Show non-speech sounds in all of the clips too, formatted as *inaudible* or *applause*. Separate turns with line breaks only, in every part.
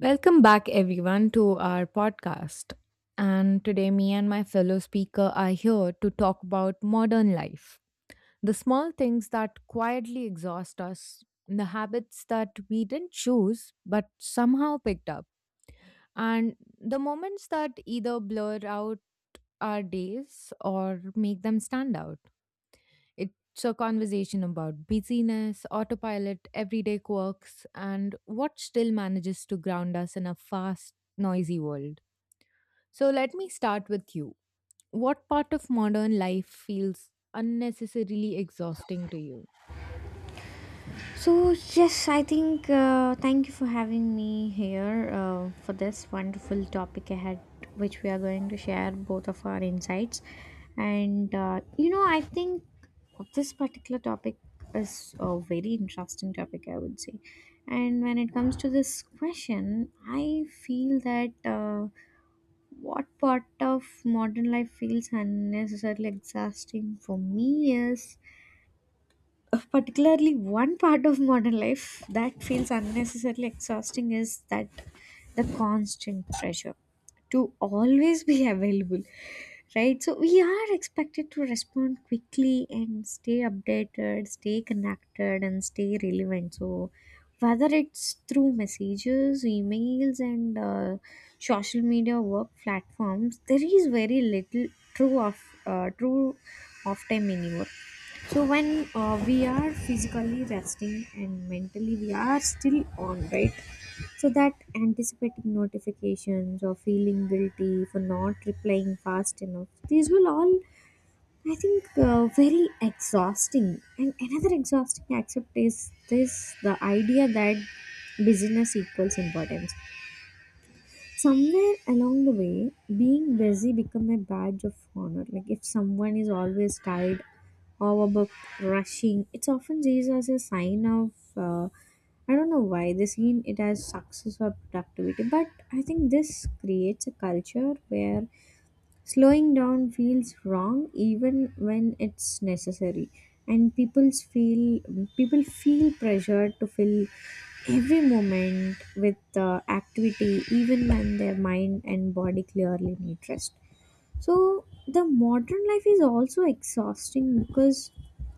Welcome back, everyone, to our podcast. And today, me and my fellow speaker are here to talk about modern life, the small things that quietly exhaust us, the habits that we didn't choose but somehow picked up, and the moments that either blur out our days or make them stand out. It's a conversation about busyness, autopilot, everyday quirks, and what still manages to ground us in a fast, noisy world. So, let me start with you. What part of modern life feels unnecessarily exhausting to you?
So, yes, I think thank you for having me here for this wonderful topic ahead, which we are going to share both of our insights. You know, I think this particular topic is a very interesting topic, I would say. And when it comes to this question, I feel that what part of modern life feels unnecessarily exhausting for me is particularly one part of modern life that feels unnecessarily exhausting is that the constant pressure to always be *laughs* available, right? So we are expected to respond quickly and stay updated, stay connected, and stay relevant. So whether it's through messages, emails, and social media work platforms, there is very little true of true off time anymore. So when we are physically resting and mentally we are still on, right? So that anticipating notifications or feeling guilty for not replying fast enough, these will all, I think, very exhausting. And another exhausting aspect is this: the idea that business equals importance. Somewhere along the way, being busy become a badge of honor. Like if someone is always tired or about rushing, it's often seen as a sign of uh, I don't know why they seen it as success or productivity. But I think this creates a culture where slowing down feels wrong even when it's necessary, and people feel pressured to fill every moment with activity, even when their mind and body clearly need rest. So the modern life is also exhausting because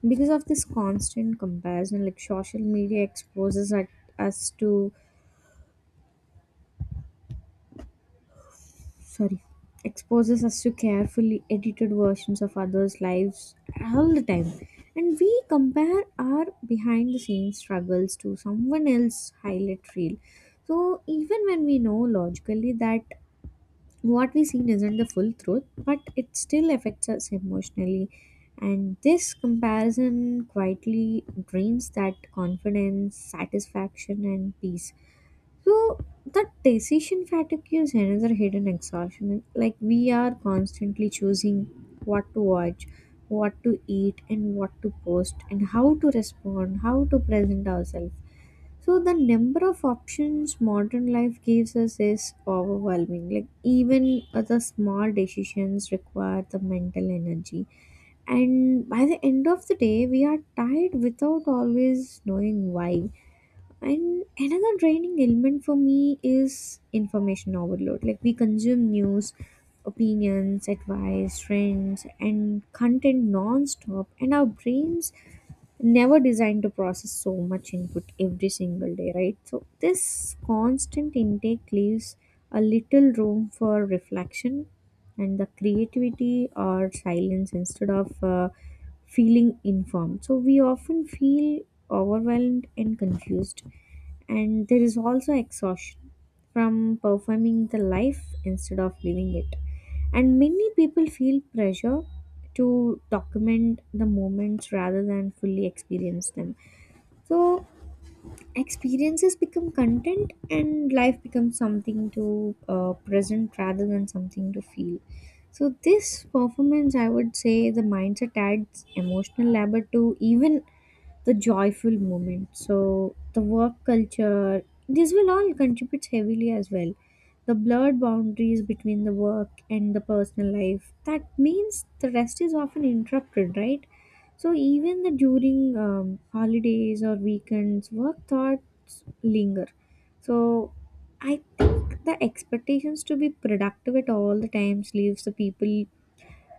because of this constant comparison. Like social media us to sorry exposes us to carefully edited versions of others lives all the time, and we compare our behind the scenes struggles to someone else's highlight reel. So even when we know logically that what we seen isn't the full truth, but it still affects us emotionally. And this comparison quietly drains that confidence, satisfaction, and peace. So that decision fatigue is another hidden exhaustion. Like we are constantly choosing what to watch, what to eat, and what to post, and how to respond, how to present ourselves. So the number of options modern life gives us is overwhelming. Like even the small decisions require the mental energy, and by the end of the day, we are tired without always knowing why. And another draining element for me is information overload. Like we consume news, opinions, advice, trends, and content non-stop, and our brains never designed to process so much input every single day, right? So, this constant intake leaves a little room for reflection and the creativity or silence instead of feeling informed. So we often feel overwhelmed and confused, and there is also exhaustion from performing the life instead of living it. And many people feel pressure to document the moments rather than fully experience them. So experiences become content and life becomes something to present rather than something to feel. So this performance, I would say, the mindset adds emotional labor to even the joyful moment. So the work culture, this will all contributes heavily as well, the blurred boundaries between the work and the personal life, that means the rest is often interrupted, right? So even the during holidays or weekends, work thoughts linger. So I think the expectations to be productive at all the times leaves the people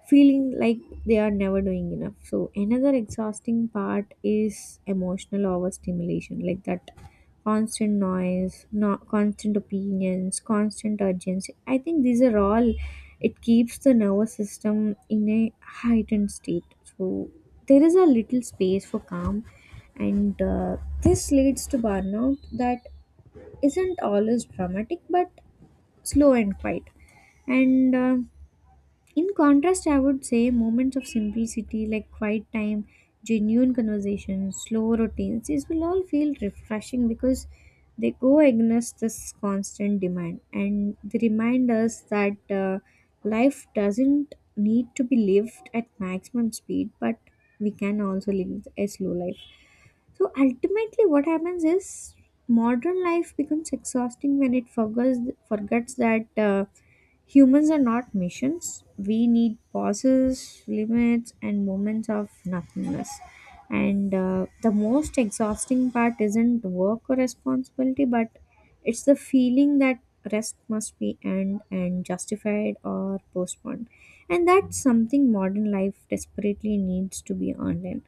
feeling like they are never doing enough. So another exhausting part is emotional overstimulation, like that constant noise, no, constant opinions, constant urgency. I think these are all it keeps the nervous system in a heightened state. So there is a little space for calm, and this leads to burnout that isn't always dramatic, but slow and quiet. And uh, in contrast, I would say moments of simplicity like quiet time, genuine conversations, slow routines, these will all feel refreshing because they go against this constant demand and they remind us that life doesn't need to be lived at maximum speed, but we can also live a slow life. So ultimately, what happens is modern life becomes exhausting when it forgets, forgets that humans are not machines. We need pauses, limits, and moments of nothingness. And the most exhausting part isn't work or responsibility, but it's the feeling that rest must be earned and justified or postponed. And that's something modern life desperately needs to be earned in.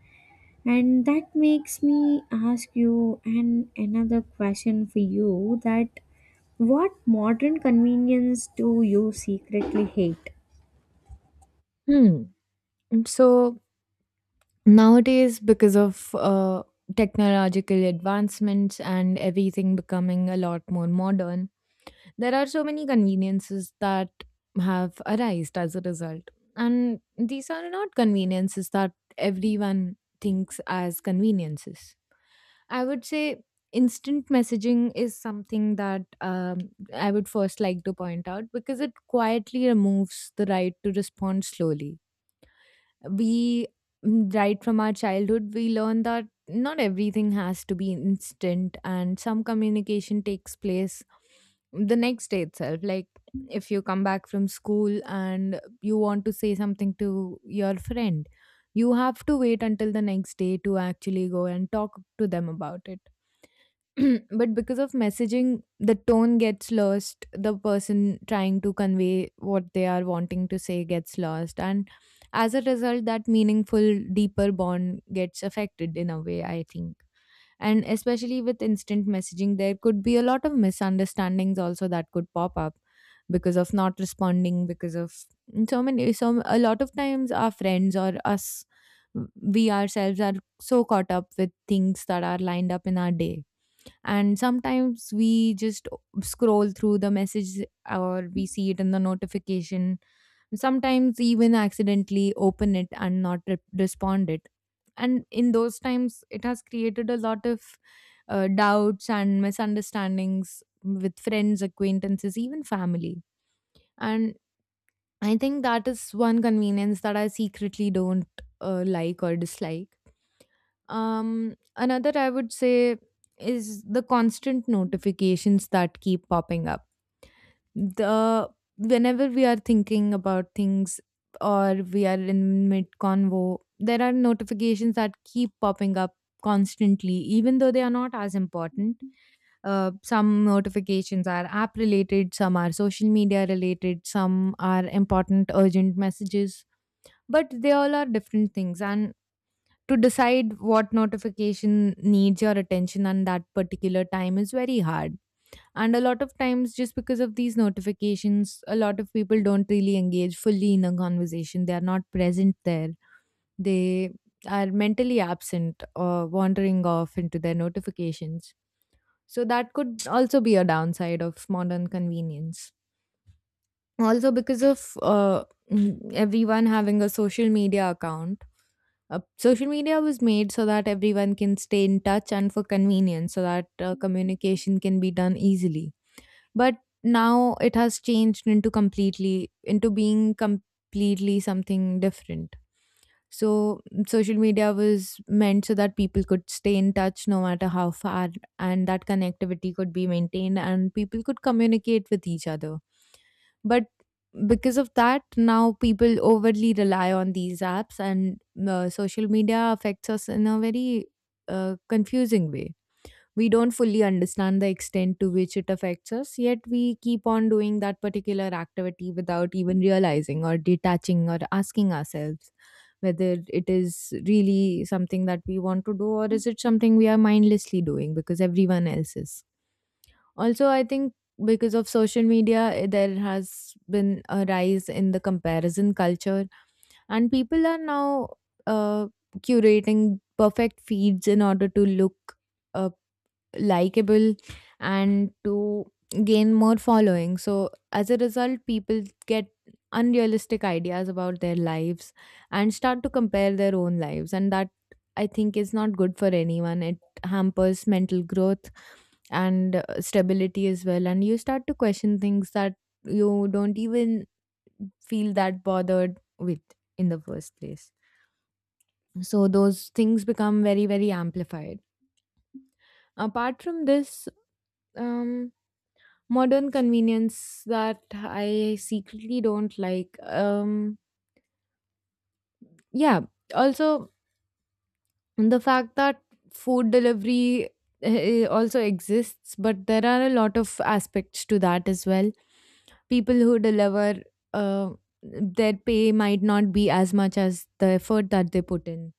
And that makes me ask you an another question for you: that what modern convenience do you secretly hate?
Hmm. So nowadays, because of technological advancements and everything becoming a lot more modern, there are so many conveniences that have arisen as a result. And these are not conveniences that everyone thinks as conveniences. I would say instant messaging is something that I would first like to point out because it quietly removes the right to respond slowly. we right from our childhood we learn that not everything has to be instant, and some communication takes place the next day itself. Like, if you come back from school and you want to say something to your friend, you have to wait until the next day to actually go and talk to them about it. *clears throat* But because of messaging, the tone gets lost. The person trying to convey what they are wanting to say gets lost. And as a result, that meaningful, deeper bond gets affected in a way, I think. And especially with instant messaging, there could be a lot of misunderstandings also that could pop up because of not responding, because of so many, so a lot of times our friends or us, we ourselves are so caught up with things that are lined up in our day, and sometimes we just scroll through the message, or we see it in the notification, sometimes even accidentally open it and not respond it. And in those times it has created a lot of doubts and misunderstandings with friends, acquaintances, even family. And I think that is one convenience that I secretly don't like, or dislike. Another I would say is the constant notifications that keep popping up. The Whenever we are thinking about things or we are in mid convo, there are notifications that keep popping up constantly, even though they are not as important. Some notifications are app related, some are social media related, some are important urgent messages, but they all are different things, and to decide what notification needs your attention on that particular time is very hard. And a lot of times, just because of these notifications, a lot of people don't really engage fully in a conversation. They are not present there. They are mentally absent or wandering off into their notifications. So, that could also be a downside of modern convenience. Also, because of everyone having a social media account, social media was made so that everyone can stay in touch and for convenience, so that communication can be done easily. But now it has changed into completely, into being completely something different. So social media was meant so that people could stay in touch no matter how far, and that connectivity could be maintained and people could communicate with each other. But because of that, now people overly rely on these apps, and social media affects us in a very confusing way. We don't fully understand the extent to which it affects us, yet we keep on doing that particular activity without even realizing or detaching or asking ourselves whether it is really something that we want to do, or is it something we are mindlessly doing because everyone else is. Also, I think because of social media, there has been a rise in the comparison culture, and people are now uh, curating perfect feeds in order to look uh, likable and to gain more following. So, as a result, people get unrealistic ideas about their lives and start to compare their own lives. And that, I think, is not good for anyone. It hampers mental growth and stability as well. And you start to question things that you don't even feel that bothered with in the first place. So, those things become very, very amplified apart from this um modern convenience that I secretly don't like. Yeah, also the fact that food delivery also exists, but there are a lot of aspects to that as well. People who deliver, uh, their pay might not be as much as the effort that they put in.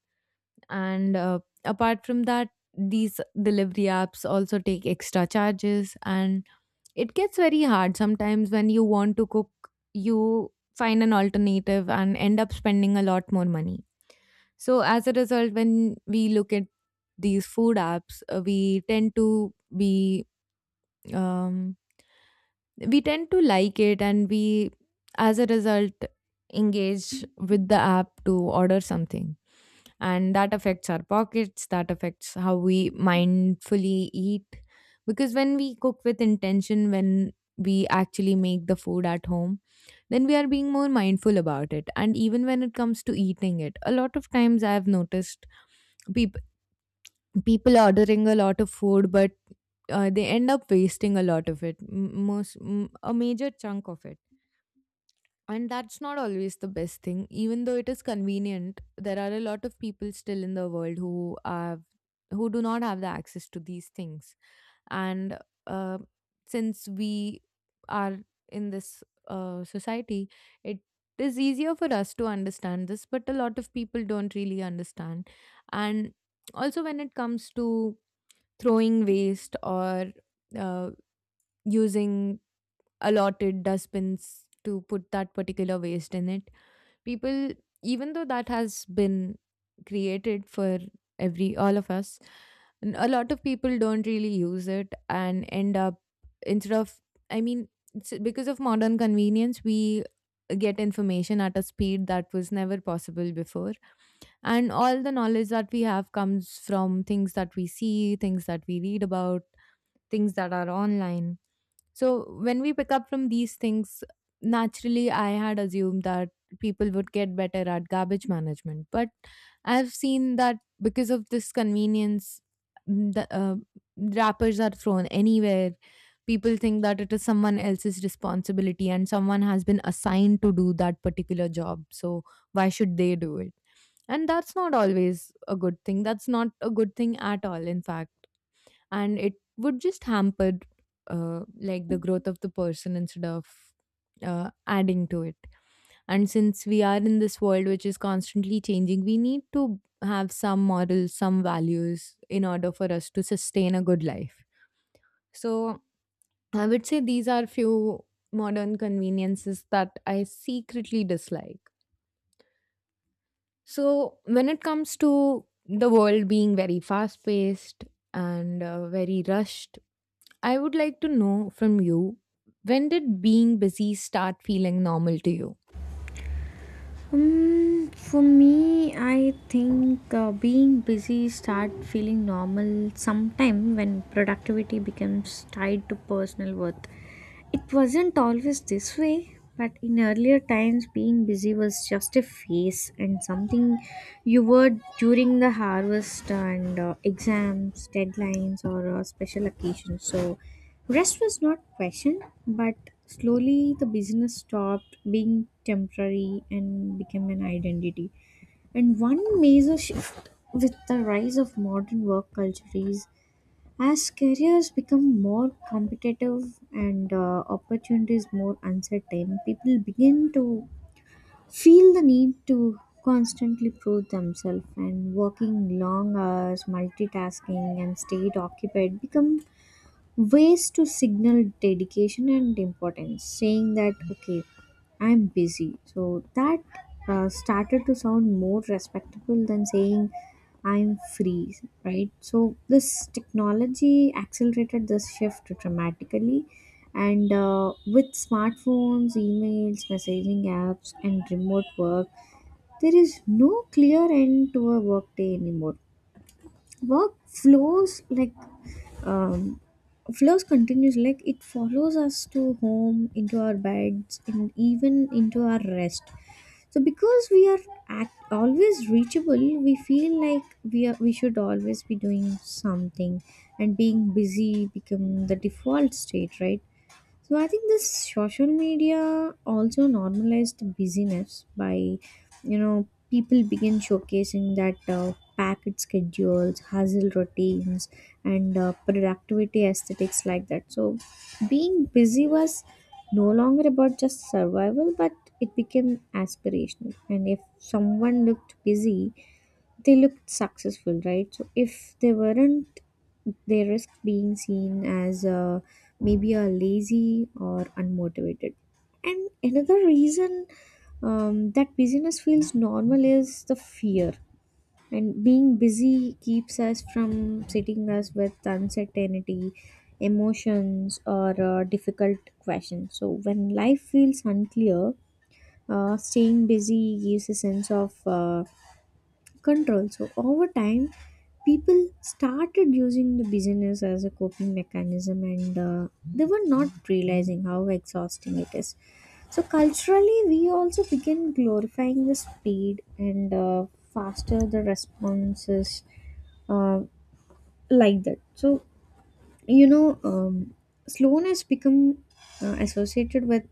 And apart from that, these delivery apps also take extra charges, and it gets very hard sometimes when you want to cook, you find an alternative and end up spending a lot more money. So, as a result, when we look at these food apps, we tend to be um, we tend to like it, and we as a result engage with the app to order something, and that affects our pockets, that affects how we mindfully eat. Because when we cook with intention, when we actually make the food at home, then we are being more mindful about it. And even when it comes to eating it, a lot of times I have noticed people people ordering a lot of food, but they end up wasting a lot of it, most a major chunk of it. And that's not always the best thing, even though it is convenient. There are a lot of people still in the world who have who do not have the access to these things. And uh, since we are in this society, it is easier for us to understand this, but a lot of people don't really understand. And also, when it comes to throwing waste or uh, using allotted dustbins to put that particular waste in it, people, even though that has been created for every all of us, a lot of people don't really use it and end up, instead of, I mean, it's because of modern convenience we get information at a speed that was never possible before, and all the knowledge that we have comes from things that we see, things that we read about, things that are online. So when we pick up from these things, naturally I had assumed that people would get better at garbage management. But I've seen that because of this convenience, mm, the wrappers are thrown anywhere. People think that it is someone else's responsibility and someone has been assigned to do that particular job. So why should they do it? And that's not always a good thing. That's not a good thing at all, in fact. And it would just hamper like the growth of the person instead of adding to it. And since we are in this world which is constantly changing, we need to have some morals, some values in order for us to sustain a good life. So I would say these are few modern conveniences that I secretly dislike. So when it comes to the world being very fast paced and very rushed, I would like to know from you, when did being busy start feeling normal to you?
For me, I think being busy start feeling normal sometime when productivity becomes tied to personal worth. It wasn't always this way, but in earlier times, being busy was just a phase and something you were during the harvest and exams, deadlines, or special occasions. So, rest was not questioned, but slowly the business stopped being temporary and became an identity. And one major shift with the rise of modern work culture is as careers become more competitive and opportunities more uncertain, people begin to feel the need to constantly prove themselves, and working long hours, multitasking and stayed occupied become ways to signal dedication and importance, saying that okay, I'm busy, so that started to sound more respectable than saying I'm free, right? So this technology accelerated this shift dramatically, and with smartphones, emails, messaging apps, and remote work, there is no clear end to a workday anymore. Work flows like um, flows continues like it follows us to home, into our beds, and even into our rest. So because always reachable, we feel like we should always be doing something, and being busy become the default state, right? So I think this social media also normalized busyness by, you know, people begin showcasing that packet schedules, hustle routines, and productivity aesthetics like that. So being busy was no longer about just survival, but it became aspirational. And if someone looked busy, they looked successful, right? So if they weren't, they risked being seen as maybe a lazy or unmotivated. And another reason that busyness feels normal is the fear. And being busy keeps us from sitting us with uncertainty, emotions, or difficult questions. So when life feels unclear, staying busy gives a sense of control. So over time, people started using the business as a coping mechanism, and they were not realizing how exhausting it is. So culturally, we also began glorifying the speed and faster the responses uh, like that. So you know um, Sloan become associated with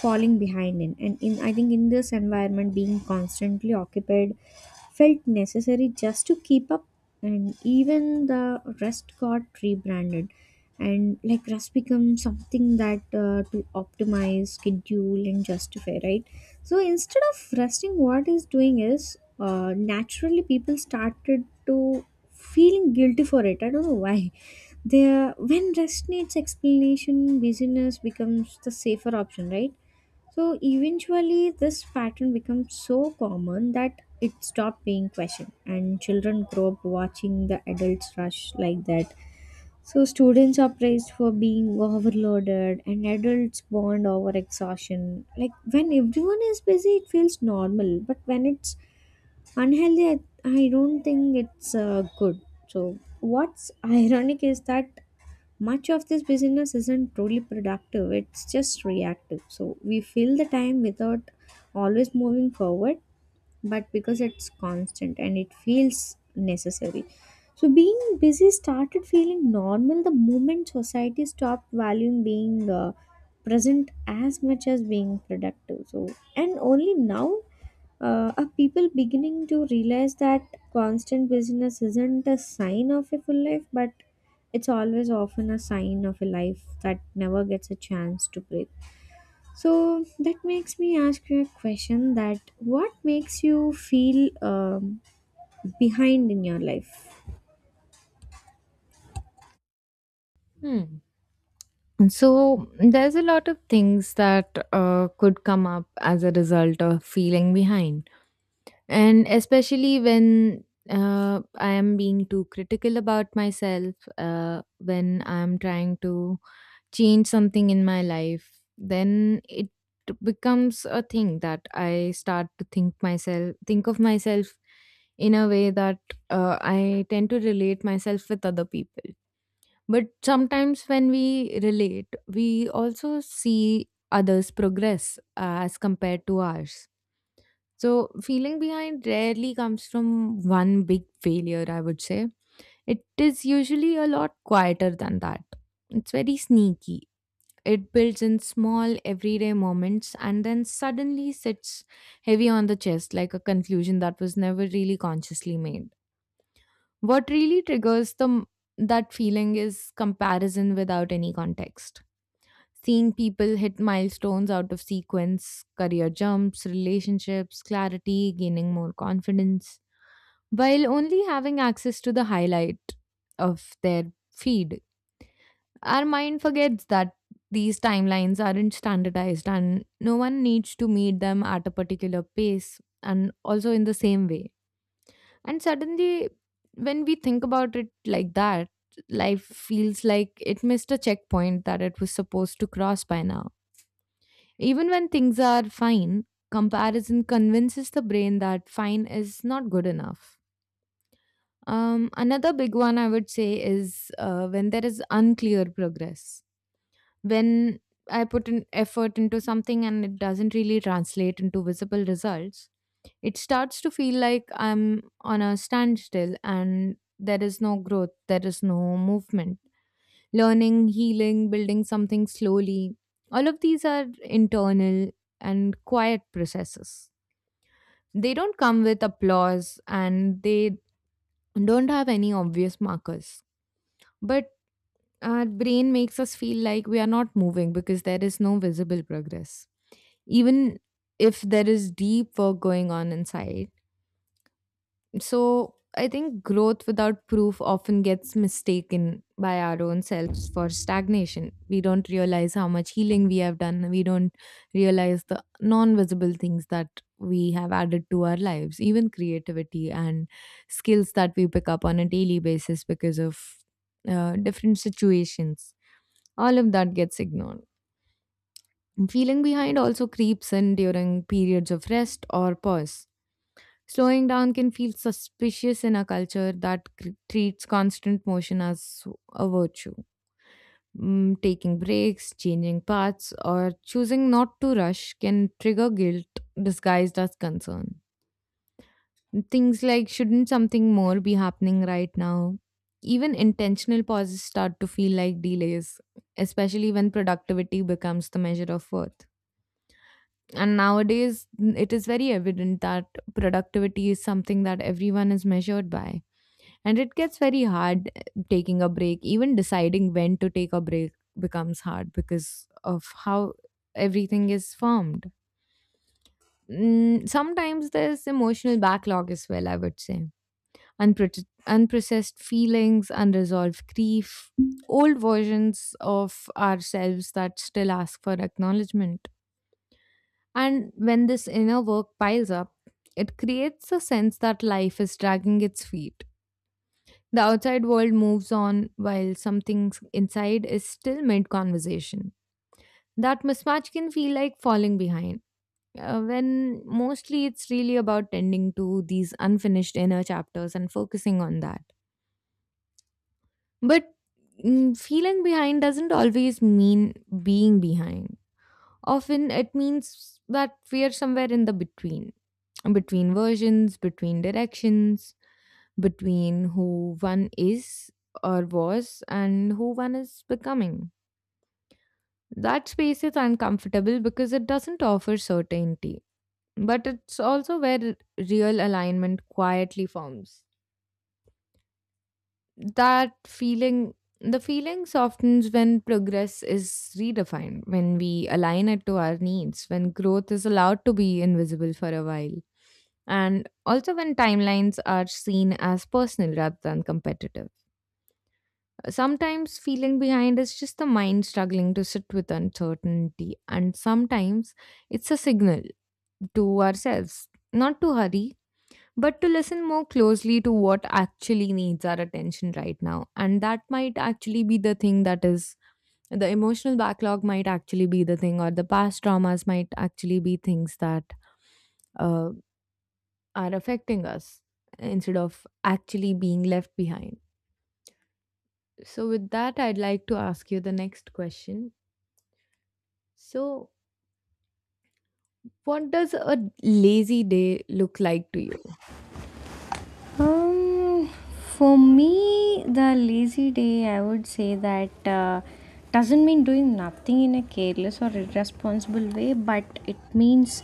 falling behind in and in I think in this environment being constantly occupied felt necessary just to keep up. And even the rest got rebranded, and like rest become something that to optimize schedule and justify, right? So instead of resting what is doing is naturally people started to feeling guilty for it, I don't know why. There, when rest needs explanation, busyness becomes the safer option, right? So eventually, this pattern becomes so common that it stopped being questioned, and children grow up watching the adults rush like that. So students are praised for being overloaded, and adults bond over exhaustion. Like when everyone is busy, it feels normal, but when it's unhealthy, I don't think it's good. So what's ironic is that much of this business isn't truly productive, it's just reactive. So we fill the time without always moving forward, but because it's constant and it feels necessary. So being busy started feeling normal the moment society stopped valuing being present as much as being productive. So and only now are people beginning to realize that constant busyness isn't a sign of a full life, but it's always often a sign of a life that never gets a chance to breathe. So that makes me ask you a question: that what makes you feel behind in your life?
Hmm. So there's a lot of things that could come up as a result of feeling behind, and especially when I am being too critical about myself, when I'm trying to change something in my life, then it becomes a thing that I start to think myself, think of myself in a way that I tend to relate myself with other people. But sometimes when we relate, we also see others' progress as compared to ours. So, feeling behind rarely comes from one big failure, I would say. It is usually a lot quieter than that. It's very sneaky. It builds in small, everyday moments and then suddenly sits heavy on the chest like a conclusion that was never really consciously made. What really triggers that feeling is comparison without any context. Seeing people hit milestones out of sequence, career jumps, relationships, clarity, gaining more confidence, while only having access to the highlight of their feed. Our mind forgets that these timelines aren't standardized and no one needs to meet them at a particular pace and also in the same way. And suddenly, when we think about it like that, life feels like it missed a checkpoint that it was supposed to cross by now. Even when things are fine, comparison convinces the brain that fine is not good enough. Another big one I would say is when there is unclear progress. When I put an effort into something and it doesn't really translate into visible results, it starts to feel like I'm on a standstill and there is no growth, there is no movement. Learning, healing, building something slowly, all of these are internal and quiet processes. They don't come with applause and they don't have any obvious markers. But our brain makes us feel like we are not moving because there is no visible progress, even if there is deep work going on inside. So I think growth without proof often gets mistaken by our own selves for stagnation. We don't realize how much healing we have done. We don't realize the non visible things that we have added to our lives, even creativity and skills that we pick up on a daily basis because of different situations. All of that gets ignored. Feeling behind also creeps in during periods of rest or pause. Slowing down can feel suspicious in a culture that treats constant motion as a virtue. Taking breaks, changing paths, or choosing not to rush can trigger guilt disguised as concern. Things like, shouldn't something more be happening right now? Even intentional pauses start to feel like delays, especially when productivity becomes the measure of worth. And nowadays, it is very evident that productivity is something that everyone is measured by. And it gets very hard, taking a break. Even deciding when to take a break becomes hard because of how everything is formed. Sometimes there's emotional backlog as well, I would say. Unprocessed feelings, unresolved grief, old versions of ourselves that still ask for acknowledgement. And when this inner work piles up, it creates a sense that life is dragging its feet. The outside world moves on while something inside is still mid conversation. That mismatch can feel like falling behind, when mostly it's really about tending to these unfinished inner chapters and focusing on that. But feeling behind doesn't always mean being behind. Often it means that we are somewhere in the between, between versions, between directions, between who one is or was and who one is becoming. That space is uncomfortable because it doesn't offer certainty, but it's also where real alignment quietly forms. That feeling, the feeling softens when progress is redefined, when we align it to our needs, when growth is allowed to be invisible for a while, and also when timelines are seen as personal rather than competitive. Sometimes feeling behind is just the mind struggling to sit with uncertainty, and sometimes it's a signal to ourselves not to hurry, but to listen more closely to what actually needs our attention right now. And that might actually be the thing that is, the emotional backlog might actually be the thing, or the past traumas might actually be things that uh, are affecting us instead of actually being left behind. So, with that, I'd like to ask you the next question. So, what does a lazy day look like to you?
Um, for me, the lazy day, I would say that doesn't mean doing nothing in a careless or irresponsible way, but it means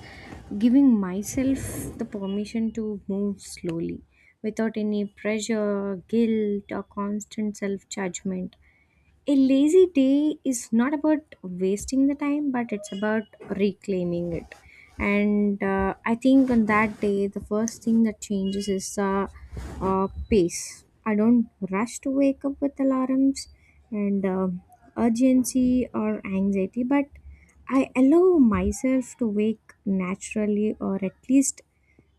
giving myself the permission to move slowly without any pressure, guilt, or constant self judgment. A lazy day is not about wasting the time, but it's about reclaiming it. And I think on that day, the first thing that changes is pace. I don't rush to wake up with alarms and urgency or anxiety, but I allow myself to wake naturally or at least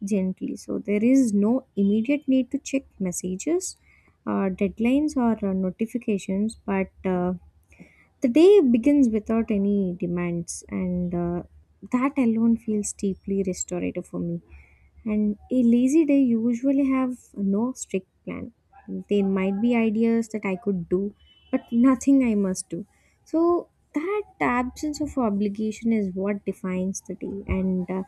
gently. So there is no immediate need to check messages, deadlines, or notifications, but the day begins without any demands, and that alone feels deeply restorative for me. And a lazy day usually have no strict plan. There might be ideas that I could do, but nothing I must do. So that absence of obligation is what defines the day, and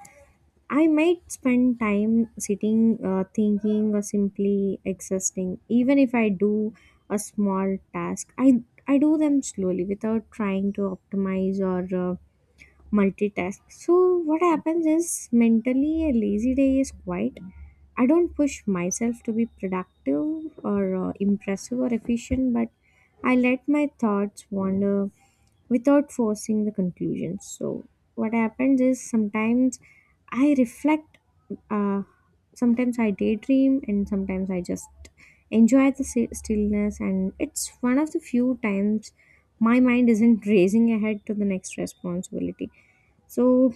I might spend time sitting, thinking, or simply existing. Even if I do a small task, I do them slowly without trying to optimize or multitask. So what happens is mentally a lazy day is quiet. I don't push myself to be productive or impressive or efficient, but I let my thoughts wander without forcing the conclusions. So, what happens is sometimes I reflect, uh, sometimes I daydream, and sometimes I just enjoy the stillness. And it's one of the few times my mind isn't *laughs* racing ahead to the next responsibility. So,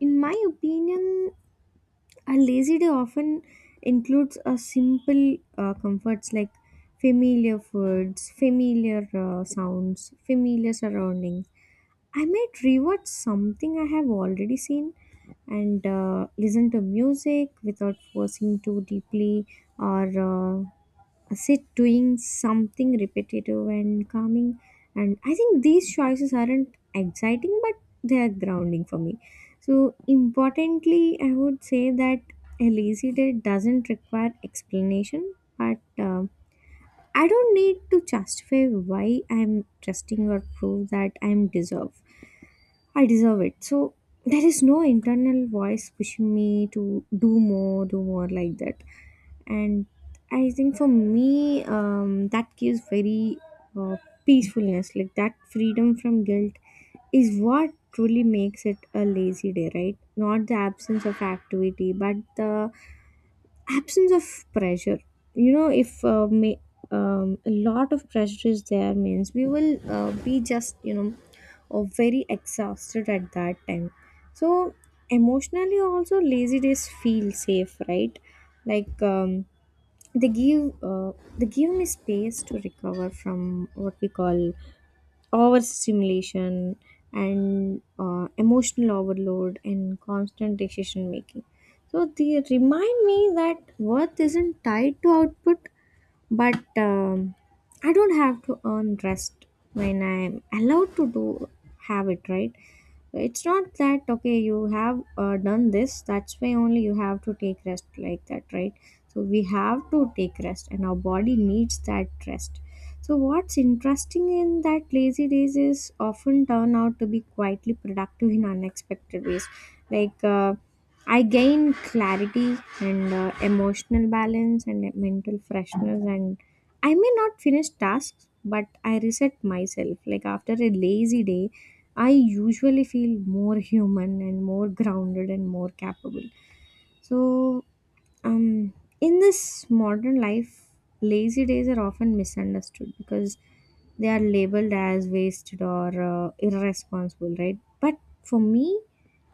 in my opinion, a lazy day often includes a simple comforts like familiar foods, familiar sounds, familiar surroundings. I might rewatch something I have already seen and listen to music without forcing too deeply or uh, sit doing something repetitive and calming. And I think these choices aren't exciting, but they are grounding for me. So importantly, I would say that a lazy day doesn't require explanation, but I don't need to justify why I'm trusting or prove that I'm deserved. I deserve it. So there is no internal voice pushing me to do more, do more like that. And I think for me, that gives very uh, peacefulness. Like that freedom from guilt is what truly makes it a lazy day, right? Not the absence of activity, but the absence of pressure, you know? If may, a lot of pressure is there means we will be just, you know, very exhausted at that time. So emotionally also, lazy days feel safe, right? Like, they give me space to recover from what we call overstimulation and emotional overload and constant decision making. So they remind me that worth isn't tied to output, but I don't have to earn rest when I'm allowed to do have it, right? It's not that okay, you have done this, that's why only you have to take rest like that, right? So we have to take rest and our body needs that rest. So what's interesting in that lazy days is often turn out to be quietly productive in unexpected ways. Like I gain clarity and emotional balance and mental freshness. And I may not finish tasks, but I reset myself. Like after a lazy day, I usually feel more human and more grounded and more capable. So, um, in this modern life, lazy days are often misunderstood because they are labeled as wasted or irresponsible, right? But for me,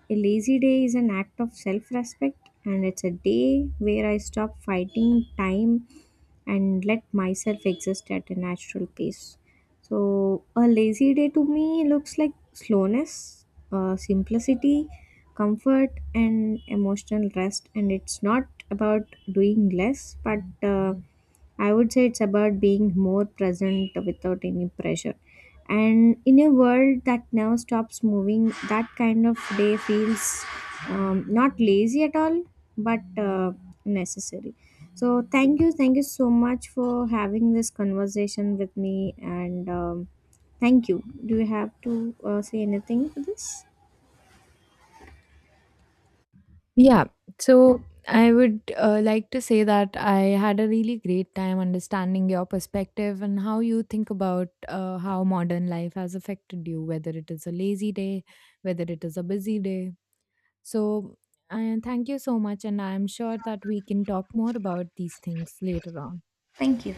a lazy day is an act of self respect, and it's a day where I stop fighting time and let myself exist at a natural pace. So, a lazy day to me looks like slowness, simplicity, comfort, and emotional rest. And it's not about doing less, but uh, I would say it's about being more present without any pressure. And in a world that never stops moving, that kind of day feels, not lazy at all, but necessary. So, thank you. Thank you so much for having this conversation with me. And thank you. Do you have to say anything for this?
Yeah, so I would like to say that I had a really great time understanding your perspective and how you think about how modern life has affected you, whether it is a lazy day, whether it is a busy day. So, thank you so much, and I'm sure that we can talk more about these things later on.
Thank you.